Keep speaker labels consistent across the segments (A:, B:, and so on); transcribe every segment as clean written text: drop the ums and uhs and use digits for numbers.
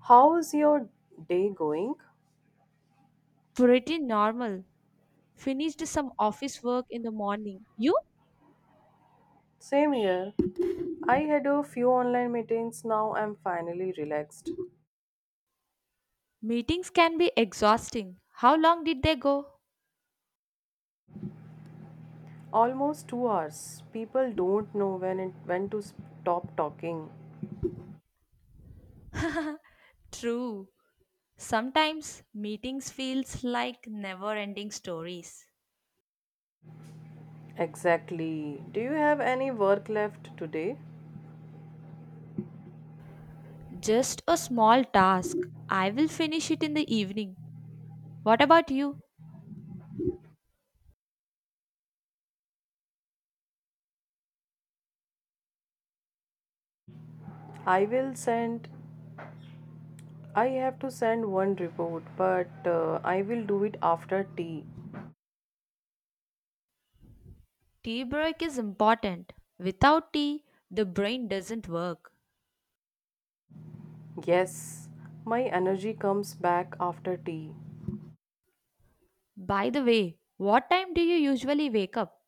A: How's your day going?
B: Pretty normal. Finished some office work in the morning. You?
A: Same here. I had a few online meetings, now I'm finally relaxed.
B: Meetings can be exhausting. How long did they go?
A: Almost 2 hours. People don't know when to stop talking.
B: True. Sometimes meetings feels like never-ending stories.
A: Exactly. Do you have any work left today?
B: Just a small task. I will finish it in the evening. What about you?
A: I will send I have to send one report, but I will do it after tea.
B: Tea break is important. Without tea, the brain doesn't work.
A: Yes, my energy comes back after tea.
B: By the way, what time do you usually wake up?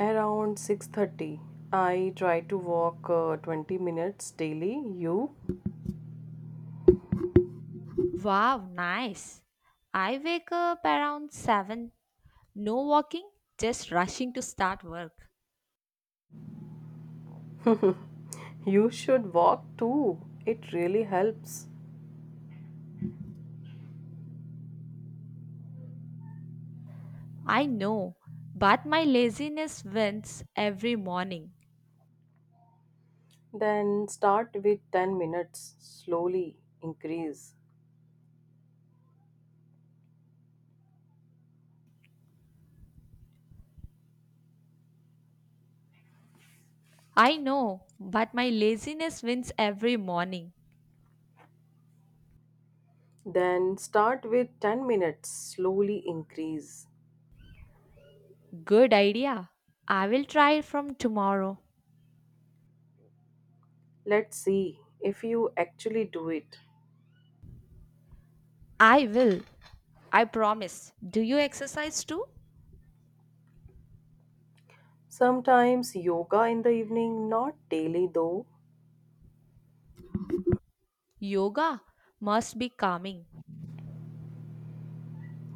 A: Around 6:30, I try to walk 20 minutes daily. You
B: Wow, nice. I wake up around 7. No walking, just rushing to start work.
A: you should walk too. It really helps.
B: I know, but my laziness wins every morning.
A: Then start with 10 minutes, slowly increase.
B: I know, but my laziness wins every morning.
A: Then start with 10 minutes, slowly increase.
B: Good idea. I will try from tomorrow.
A: Let's see if you actually do it.
B: I will. I promise. Do you exercise too?
A: Sometimes yoga in the evening, not daily though.
B: Yoga must be calming.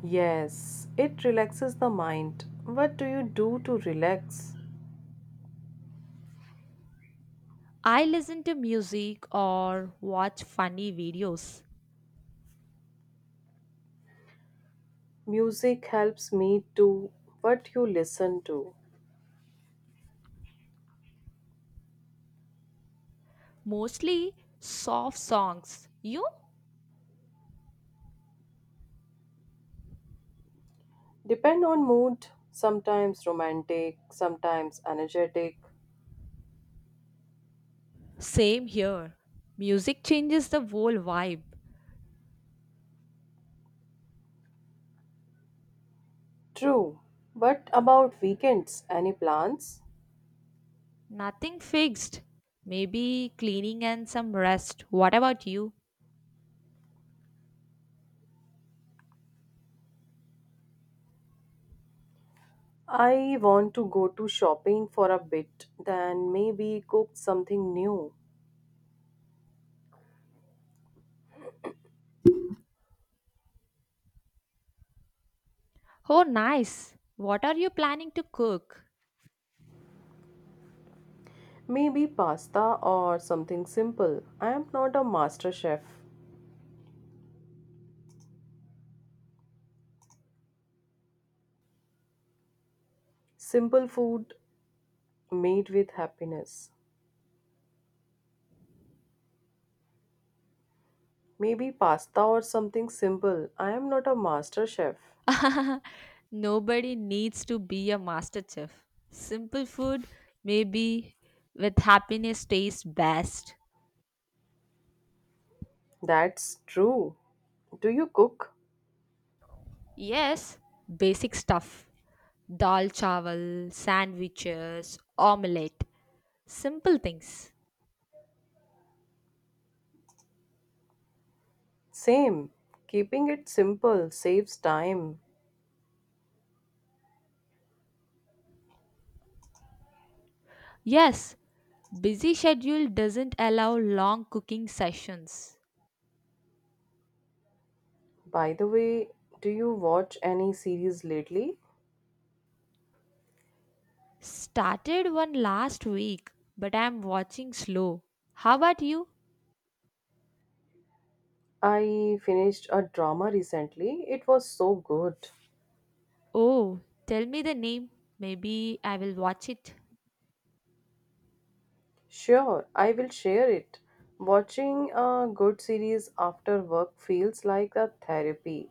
A: Yes, it relaxes the mind. What do you do to relax?
B: I listen to music or watch funny videos.
A: Music helps me to what you listen to.
B: Mostly soft songs. You?
A: Depend on mood, sometimes romantic, sometimes energetic.
B: Same here. Music changes the whole vibe.
A: True. But about weekends, any plans?
B: Nothing fixed. Maybe cleaning and some rest. What about you?
A: I want to go to shopping for a bit, then maybe cook something new.
B: Oh, nice. What are you planning to cook?
A: Maybe pasta or something simple. I am not a master chef. Simple food made with happiness. Maybe pasta or something simple. I am not a master chef.
B: Nobody needs to be a master chef. Simple food, maybe with happiness, tastes best.
A: That's true. Do you cook?
B: Yes, basic stuff. Dal chawal, sandwiches, omelette. Simple things.
A: Same. Keeping it simple saves time.
B: Yes, busy schedule doesn't allow long cooking sessions.
A: By the way, do you watch any series lately?
B: Started one last week, but I'm watching slow. How about you?
A: I finished a drama recently. It was so good.
B: Oh, tell me the name. Maybe I will watch it.
A: Sure, I will share it. Watching a good series after work feels like a therapy.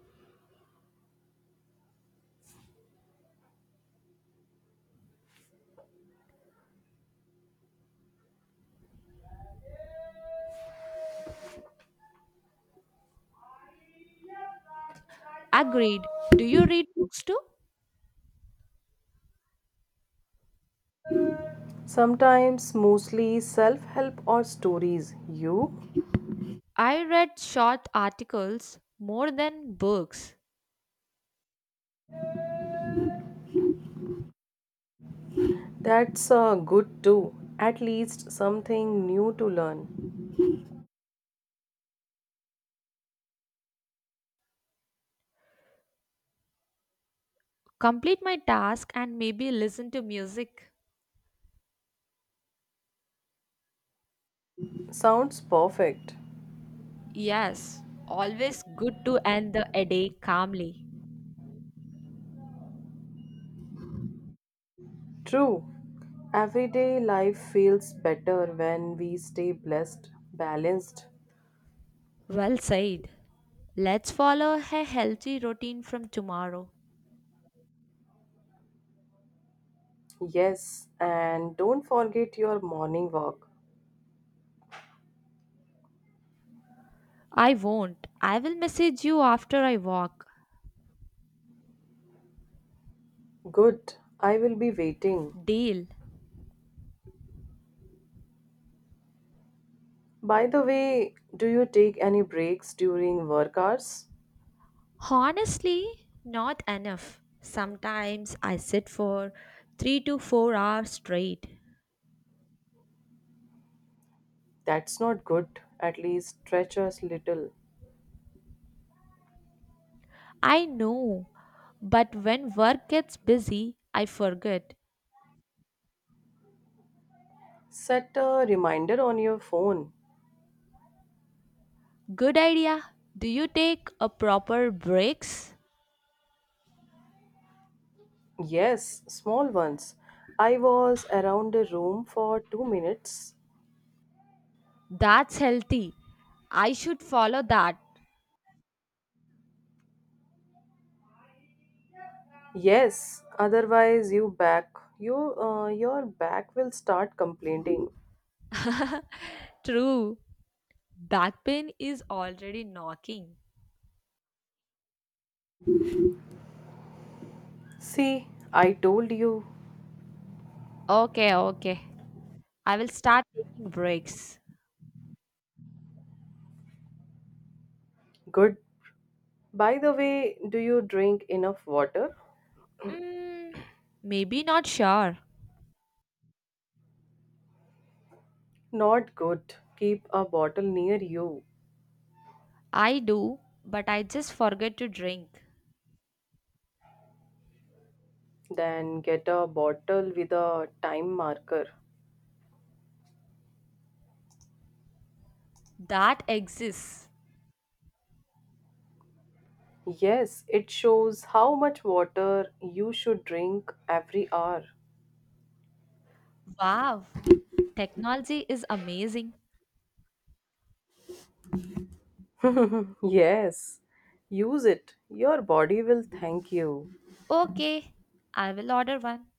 B: Agreed. Do you read books too?
A: Sometimes mostly self help or stories. You?
B: I read short articles more than books.
A: That's good too. At least something new to learn.
B: Complete my task and maybe listen to music.
A: Sounds perfect.
B: Yes, always good to end the a day calmly.
A: True. Everyday life feels better when we stay blessed, balanced.
B: Well said. Let's follow a healthy routine from tomorrow.
A: Yes, and don't forget your morning walk.
B: I won't. I will message you after I walk.
A: Good. I will be waiting.
B: Deal.
A: By the way, do you take any breaks during work hours?
B: Honestly, not enough. Sometimes I sit for 3 to 4 hours straight.
A: That's not good. At least stretch a little.
B: I know, but when work gets busy, I forget.
A: Set a reminder on your phone.
B: Good idea. Do you take a proper breaks?
A: Yes, small ones. I was around the room for 2 minutes.
B: That's healthy. I should follow that.
A: Yes, otherwise you your back will start complaining.
B: True. Back pain is already knocking.
A: See, I told you.
B: Okay, okay. I will start taking breaks.
A: Good. By the way, do you drink enough water?
B: Mm, maybe not sure.
A: Not good. Keep a bottle near you.
B: I do, but I just forget to drink.
A: Then get a bottle with a time marker.
B: That exists.
A: Yes, it shows how much water you should drink every hour.
B: Wow, technology is amazing.
A: Yes, use it. Your body will thank you.
B: Okay, I will order one.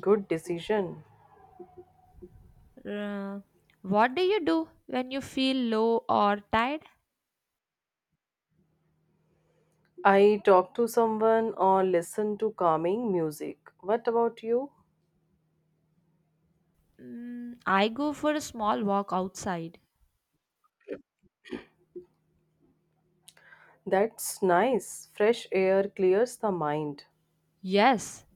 A: Good decision.
B: Uh, what do you do when you feel low or tired?
A: I talk to someone or listen to calming music. What about you?
B: Mm, I go for a small walk outside.
A: That's nice. Fresh air clears the mind.
B: Yes,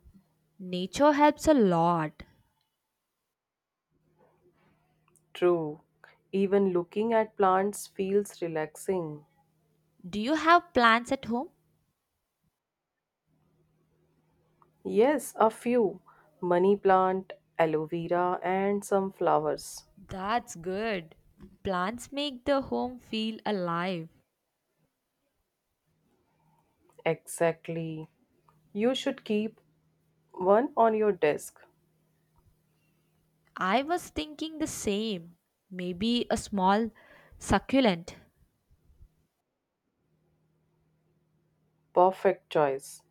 B: nature helps a lot.
A: True. Even looking at plants feels relaxing.
B: Do you have plants at home?
A: Yes, a few. Money plant, aloe vera, and some flowers.
B: That's good. Plants make the home feel alive.
A: Exactly. You should keep one on your desk.
B: I was thinking the same. Maybe a small succulent.
A: Perfect choice.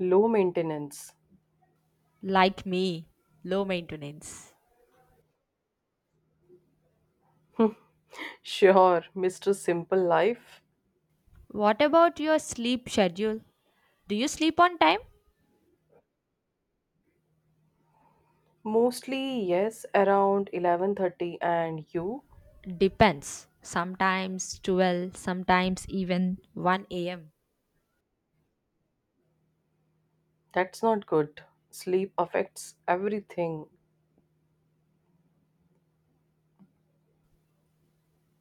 A: Low maintenance.
B: Like me, low maintenance.
A: Sure, Mr. Simple Life.
B: What about your sleep schedule? Do you sleep on time?
A: Mostly, yes, around 11:30, and you?
B: Depends. Sometimes 12, sometimes even 1 am.
A: That's not good. Sleep affects everything.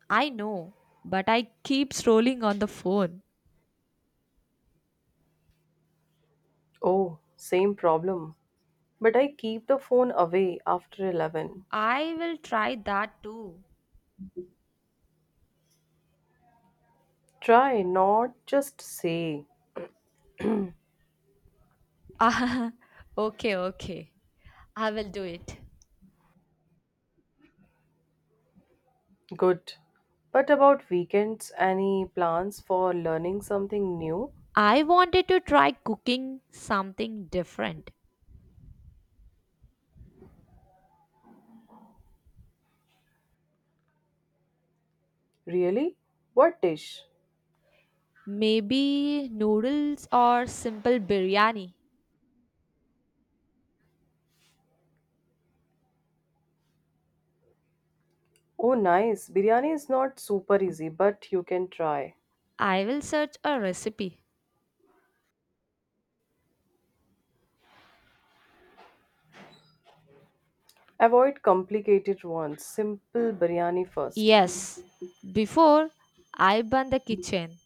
B: I know, but I keep scrolling on the phone.
A: Oh, same problem. But I keep the phone away after 11.
B: I will try that too.
A: Try, not just say.
B: Ah, okay, okay. I will do it.
A: Good. But about weekends, any plans for learning something new?
B: I wanted to try cooking something different.
A: Really? What dish?
B: Maybe noodles or simple biryani.
A: Oh, nice. Biryani is not super easy, but you can try.
B: I will search a recipe.
A: Avoid complicated ones. Simple biryani first.
B: Yes, before I burn the kitchen.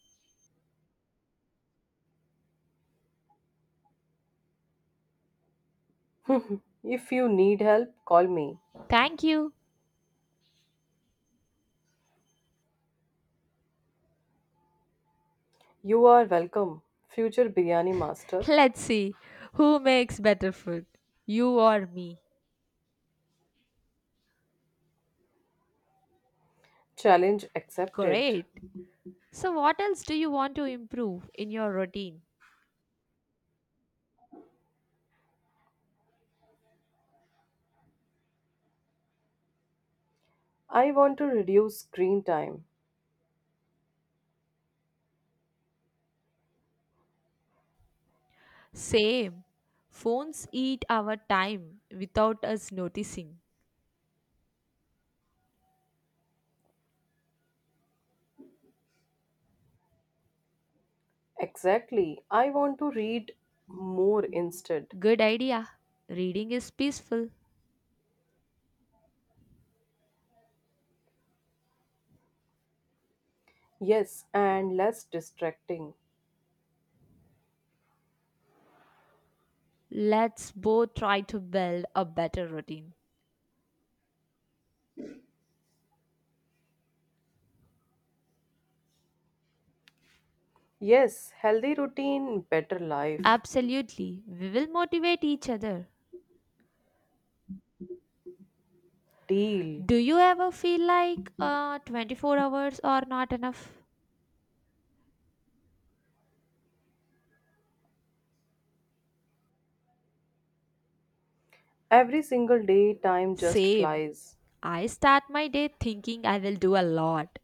A: If you need help, call me.
B: Thank you.
A: You are welcome, future biryani master.
B: Let's see who makes better food, you or me.
A: Challenge accepted.
B: Great. So, what else do you want to improve in your routine?
A: I want to reduce screen time.
B: Same. Phones eat our time without us noticing.
A: Exactly. I want to read more instead.
B: Good idea. Reading is peaceful.
A: Yes, and less distracting.
B: Let's both try to build a better routine.
A: Yes, healthy routine, better life.
B: Absolutely. We will motivate each other.
A: Deal.
B: Do you ever feel like 24 hours are not enough?
A: Every single day, time just
B: Same.
A: flies.
B: I start my day thinking I will do a lot,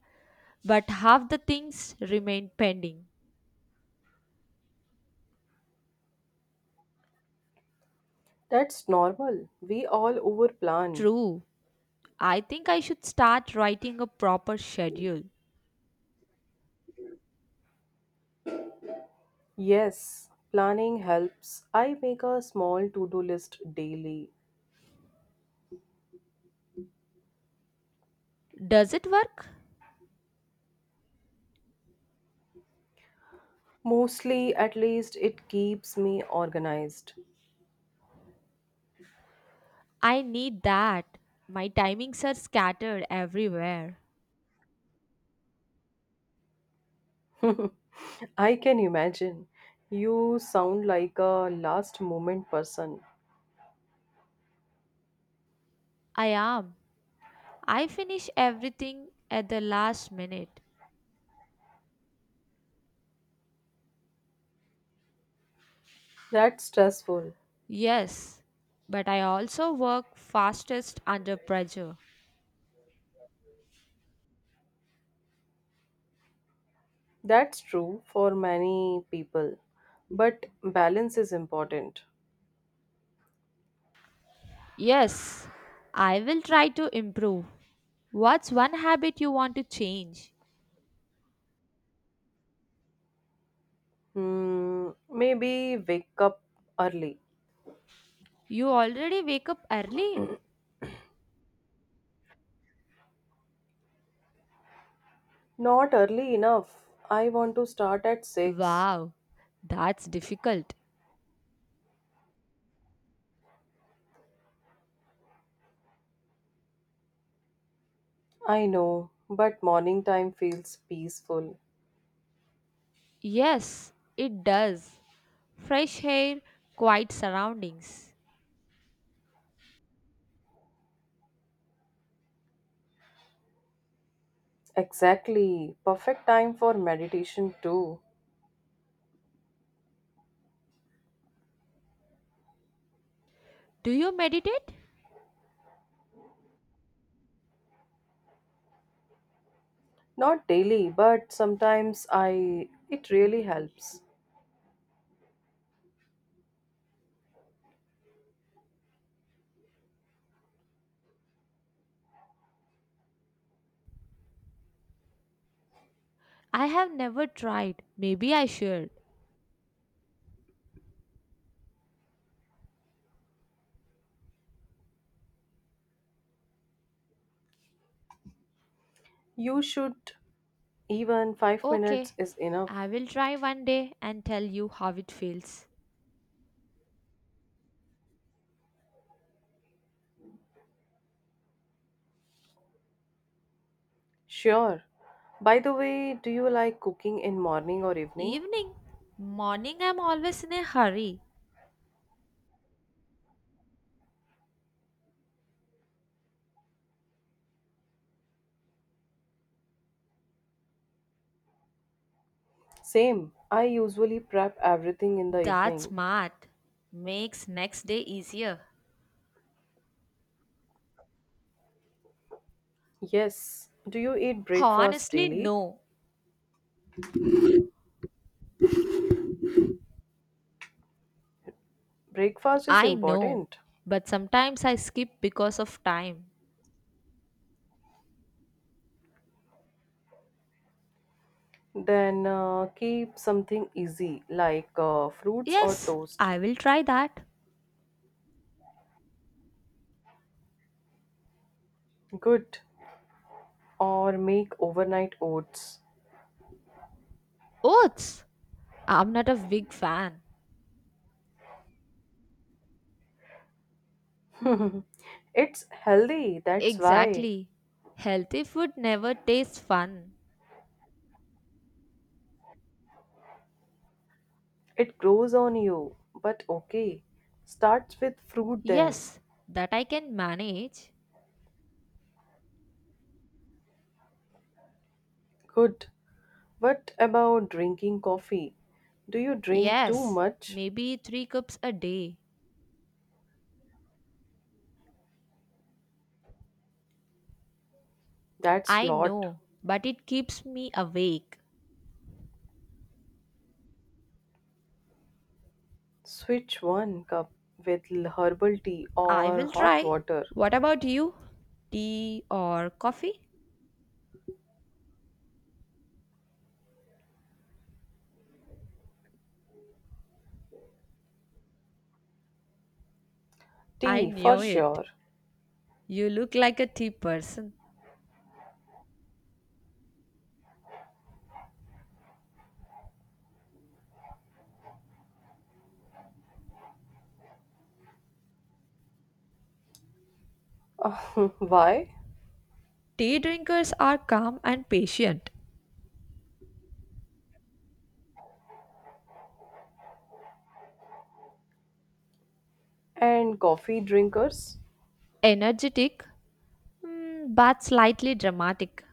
B: but half the things remain pending.
A: That's normal. We all overplan.
B: True. I think I should start writing a proper schedule.
A: Yes, planning helps. I make a small to do list daily.
B: Does it work?
A: Mostly, at least, it keeps me organized.
B: I need that. My timings are scattered everywhere.
A: I can imagine. You sound like a last moment person.
B: I am. I finish everything at the last minute.
A: That's stressful.
B: Yes, but I also work fastest under pressure.
A: That's true for many people. But balance is important.
B: Yes, I will try to improve. What's one habit you want to change?
A: Hmm, maybe wake up early.
B: You already wake up early?
A: Not early enough. I want to start at 6.
B: Wow, that's difficult.
A: I know, but morning time feels peaceful.
B: Yes, it does. Fresh air, quiet surroundings.
A: Exactly. Perfect time for meditation too.
B: Do you meditate?
A: Not daily, but sometimes I it really helps.
B: I have never tried. Maybe I should.
A: You should, even 5
B: Okay,
A: minutes is enough.
B: I will try one day and tell you how it feels.
A: Sure. By the way, do you like cooking in morning or evening?
B: Evening. Morning, I'm always in a hurry.
A: Same. I usually prep everything in the
B: That's
A: evening.
B: smart. Makes next day easier.
A: Yes. Do you eat breakfast
B: Honestly,
A: daily?
B: no.
A: Breakfast is
B: I know.
A: important.
B: But sometimes I skip because of time.
A: Then keep something easy like fruits or
B: Yes,
A: toast.
B: I will try that.
A: Good. Or make overnight oats.
B: Oats! I'm not a big fan.
A: it's healthy, that's why.
B: Exactly. Healthy food never tastes fun.
A: It grows on you. But okay, starts with fruit then.
B: Yes, that I can manage.
A: Good. What about drinking coffee? Do you drink too
B: Yes,
A: much?
B: maybe three cups a day.
A: That's
B: I
A: lot.
B: know, but it keeps me awake.
A: Switch one cup with herbal tea
B: I
A: or
B: will
A: hot
B: try.
A: water.
B: What about you? Tea or coffee? I
A: Tea for
B: knew it.
A: sure.
B: You look like a tea person.
A: why?
B: Tea drinkers are calm and patient,
A: And coffee drinkers?
B: energetic, mm, but slightly dramatic.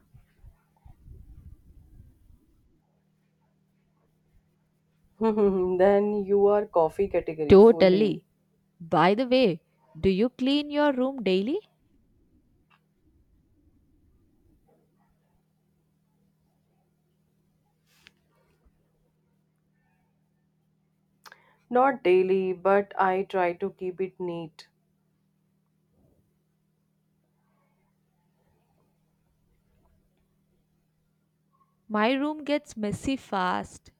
A: then you are coffee category fully.
B: Totally. By the way, do you clean your room daily?
A: Not daily, but I try to keep it neat.
B: My room gets messy fast.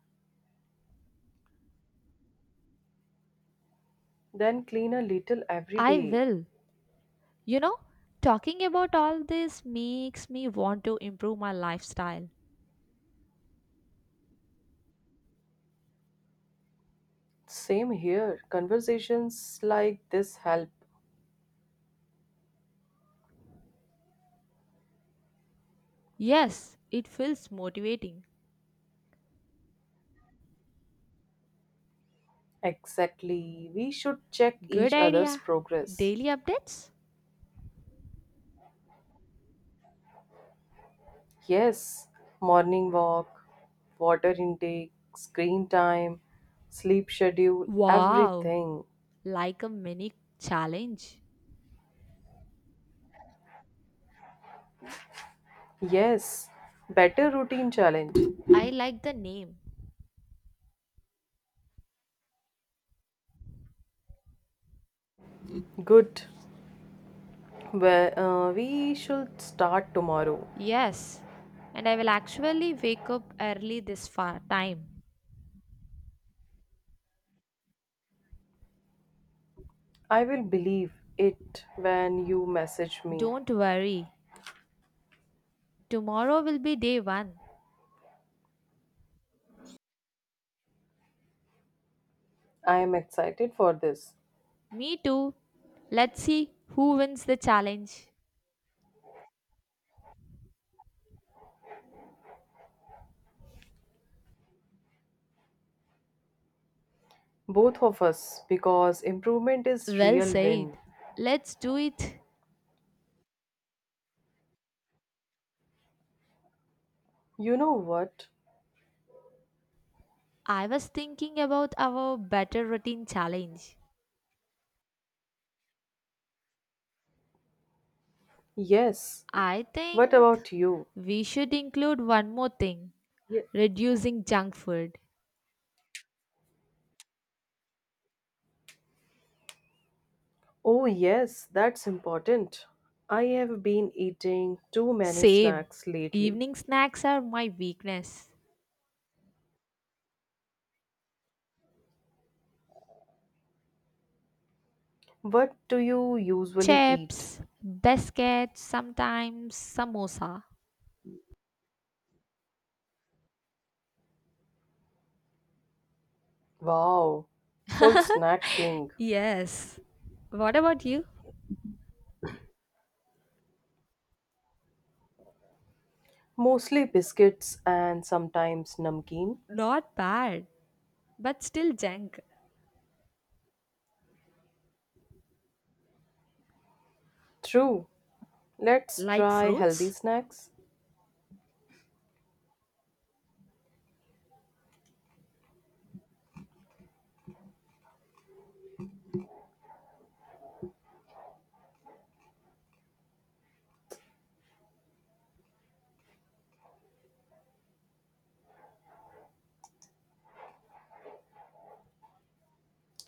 A: Then clean a little every
B: I
A: day.
B: will. You know, talking about all this makes me want to improve my lifestyle.
A: Same here. Conversations like this help.
B: Yes, it feels motivating.
A: Exactly. We should check
B: Good
A: each other's
B: idea.
A: progress.
B: Daily updates?
A: Yes, morning walk, water intake, screen time, sleep schedule,
B: Wow,
A: everything.
B: like a mini challenge.
A: Yes, better routine challenge.
B: I like the name.
A: Good. Well, we should start tomorrow.
B: Yes, and I will actually wake up early this far time.
A: I will believe it when you message me.
B: Don't worry, tomorrow will be day one.
A: I am excited for this.
B: Me too. Let's see who wins the challenge.
A: Both of us, because improvement is
B: Well
A: real win.
B: said. Let's do it.
A: You know what?
B: I was thinking about our better routine challenge.
A: Yes.
B: I
A: What
B: think
A: about you?
B: we should include one more thing,
A: Ye-
B: reducing junk food.
A: Oh, yes, that's important. I have been eating too many
B: Same.
A: snacks lately.
B: Evening snacks are my weakness.
A: What do you usually eat?
B: Chips, biscuits, sometimes samosa.
A: Wow, full snack king.
B: Yes. What about you?
A: Mostly biscuits and sometimes namkeen.
B: Not bad, but still junk.
A: True. Let's
B: Like
A: try healthy
B: fruits?
A: snacks.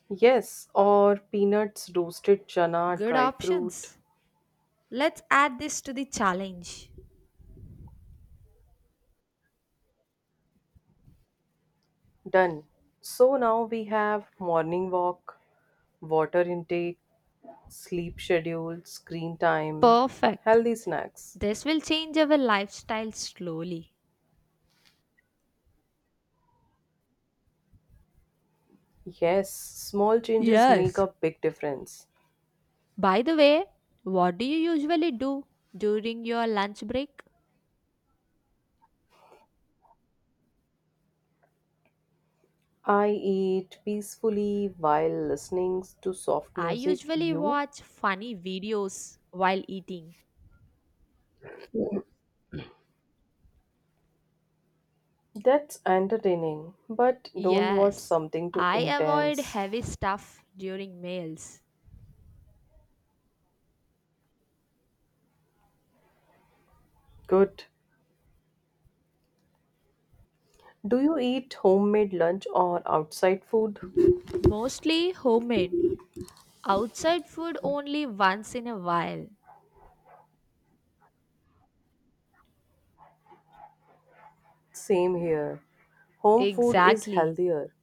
A: Yes, or peanuts, roasted chana,
B: Good
A: dry fruit.
B: options. Let's add this to the challenge.
A: Done. So now we have morning walk, water intake, sleep schedule, screen time,
B: Perfect.
A: healthy snacks.
B: This will change our lifestyle slowly.
A: Yes, small changes make
B: Yes.
A: a big difference.
B: By the way, what do you usually do during your lunch break?
A: I eat peacefully while listening to soft
B: I
A: music.
B: usually
A: You?
B: watch funny videos while eating.
A: That's entertaining, but don't watch
B: Yes,
A: something too
B: I avoid
A: intense.
B: heavy stuff during meals.
A: Good. Do you eat homemade lunch or outside food?
B: Mostly homemade. Outside food only once in a while.
A: Same here. Home food is
B: Exactly.
A: healthier.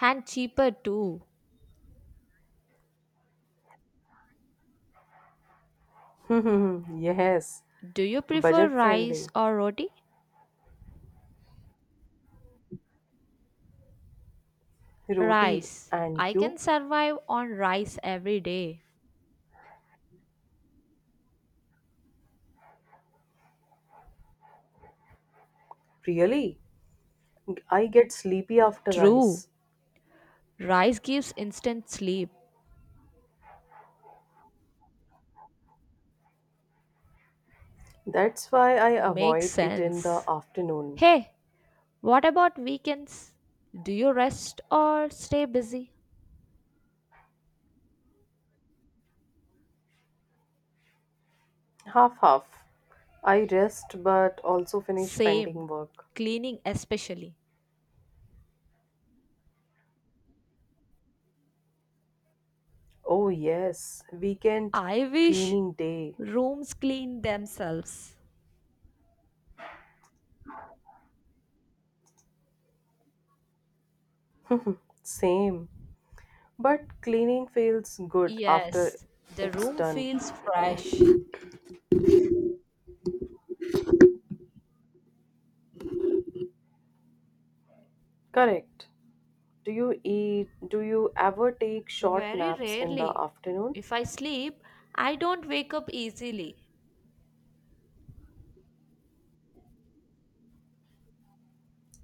B: And cheaper too.
A: Yes,
B: Do you prefer
A: budget
B: rice
A: friendly,
B: or roti?
A: roti,
B: Rice.
A: and
B: I can
A: you?
B: survive on rice every day.
A: Really? I get sleepy after
B: True.
A: rice.
B: Rice gives instant sleep.
A: That's why I
B: Makes
A: avoid it in the
B: sense.
A: afternoon.
B: Hey, what about weekends? Do you rest or stay busy?
A: Half half. I rest but also finish pending
B: Same.
A: work.
B: Cleaning, especially.
A: Oh, yes, weekend
B: I wish
A: cleaning day.
B: rooms clean themselves.
A: Same. But cleaning feels good after
B: Yes, the
A: it's
B: room
A: done.
B: feels fresh.
A: Correct. Do you eat? Do you ever take short
B: Very
A: naps in the
B: rarely.
A: afternoon?
B: If I sleep, I don't wake up easily.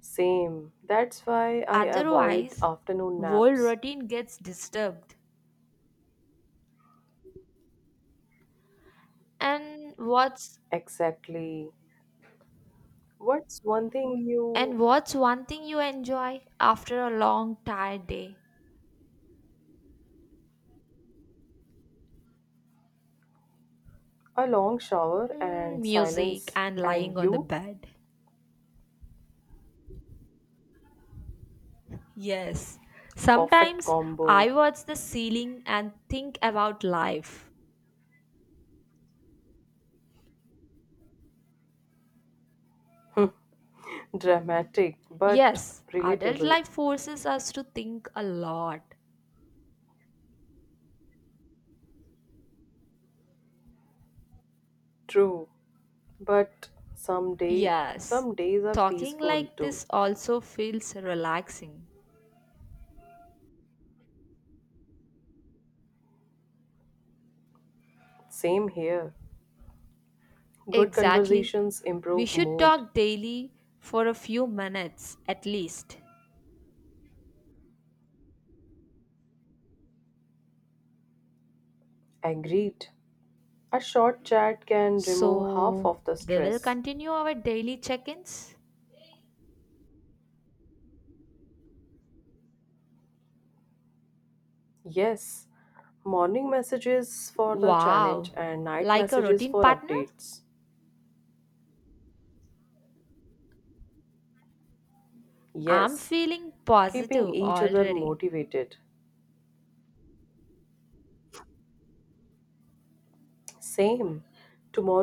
A: Same. That's why I avoid
B: Otherwise,
A: afternoon
B: whole
A: naps.
B: routine gets disturbed. And what's
A: Exactly. What's one thing
B: And
A: you,
B: what's one thing you enjoy after a long, tired day?
A: a long shower
B: Mm,
A: and
B: music
A: silence,
B: and
A: and
B: lying on the
A: you?
B: bed. Yes.
A: Perfect
B: Sometimes
A: combo.
B: I watch the ceiling and think about life.
A: Dramatic but
B: Yes, adult
A: relatable.
B: life forces us to think a lot.
A: True. But some day
B: Yes.
A: some days are
B: Talking
A: peaceful
B: like
A: too.
B: this also feels relaxing.
A: Same here. Good
B: Exactly.
A: conversations
B: We
A: improve
B: should
A: mood.
B: talk daily for a few minutes at least.
A: Agreed. A short chat can remove half
B: So,
A: of the
B: we will
A: stress.
B: continue our daily check ins.
A: Yes, morning messages for the challenge
B: Wow,
A: and night
B: like a
A: messages
B: routine
A: for
B: partner?
A: updates.
B: I'm
A: Yes,
B: feeling
A: keeping
B: positive
A: each other
B: already.
A: motivated. Same. Tomorrow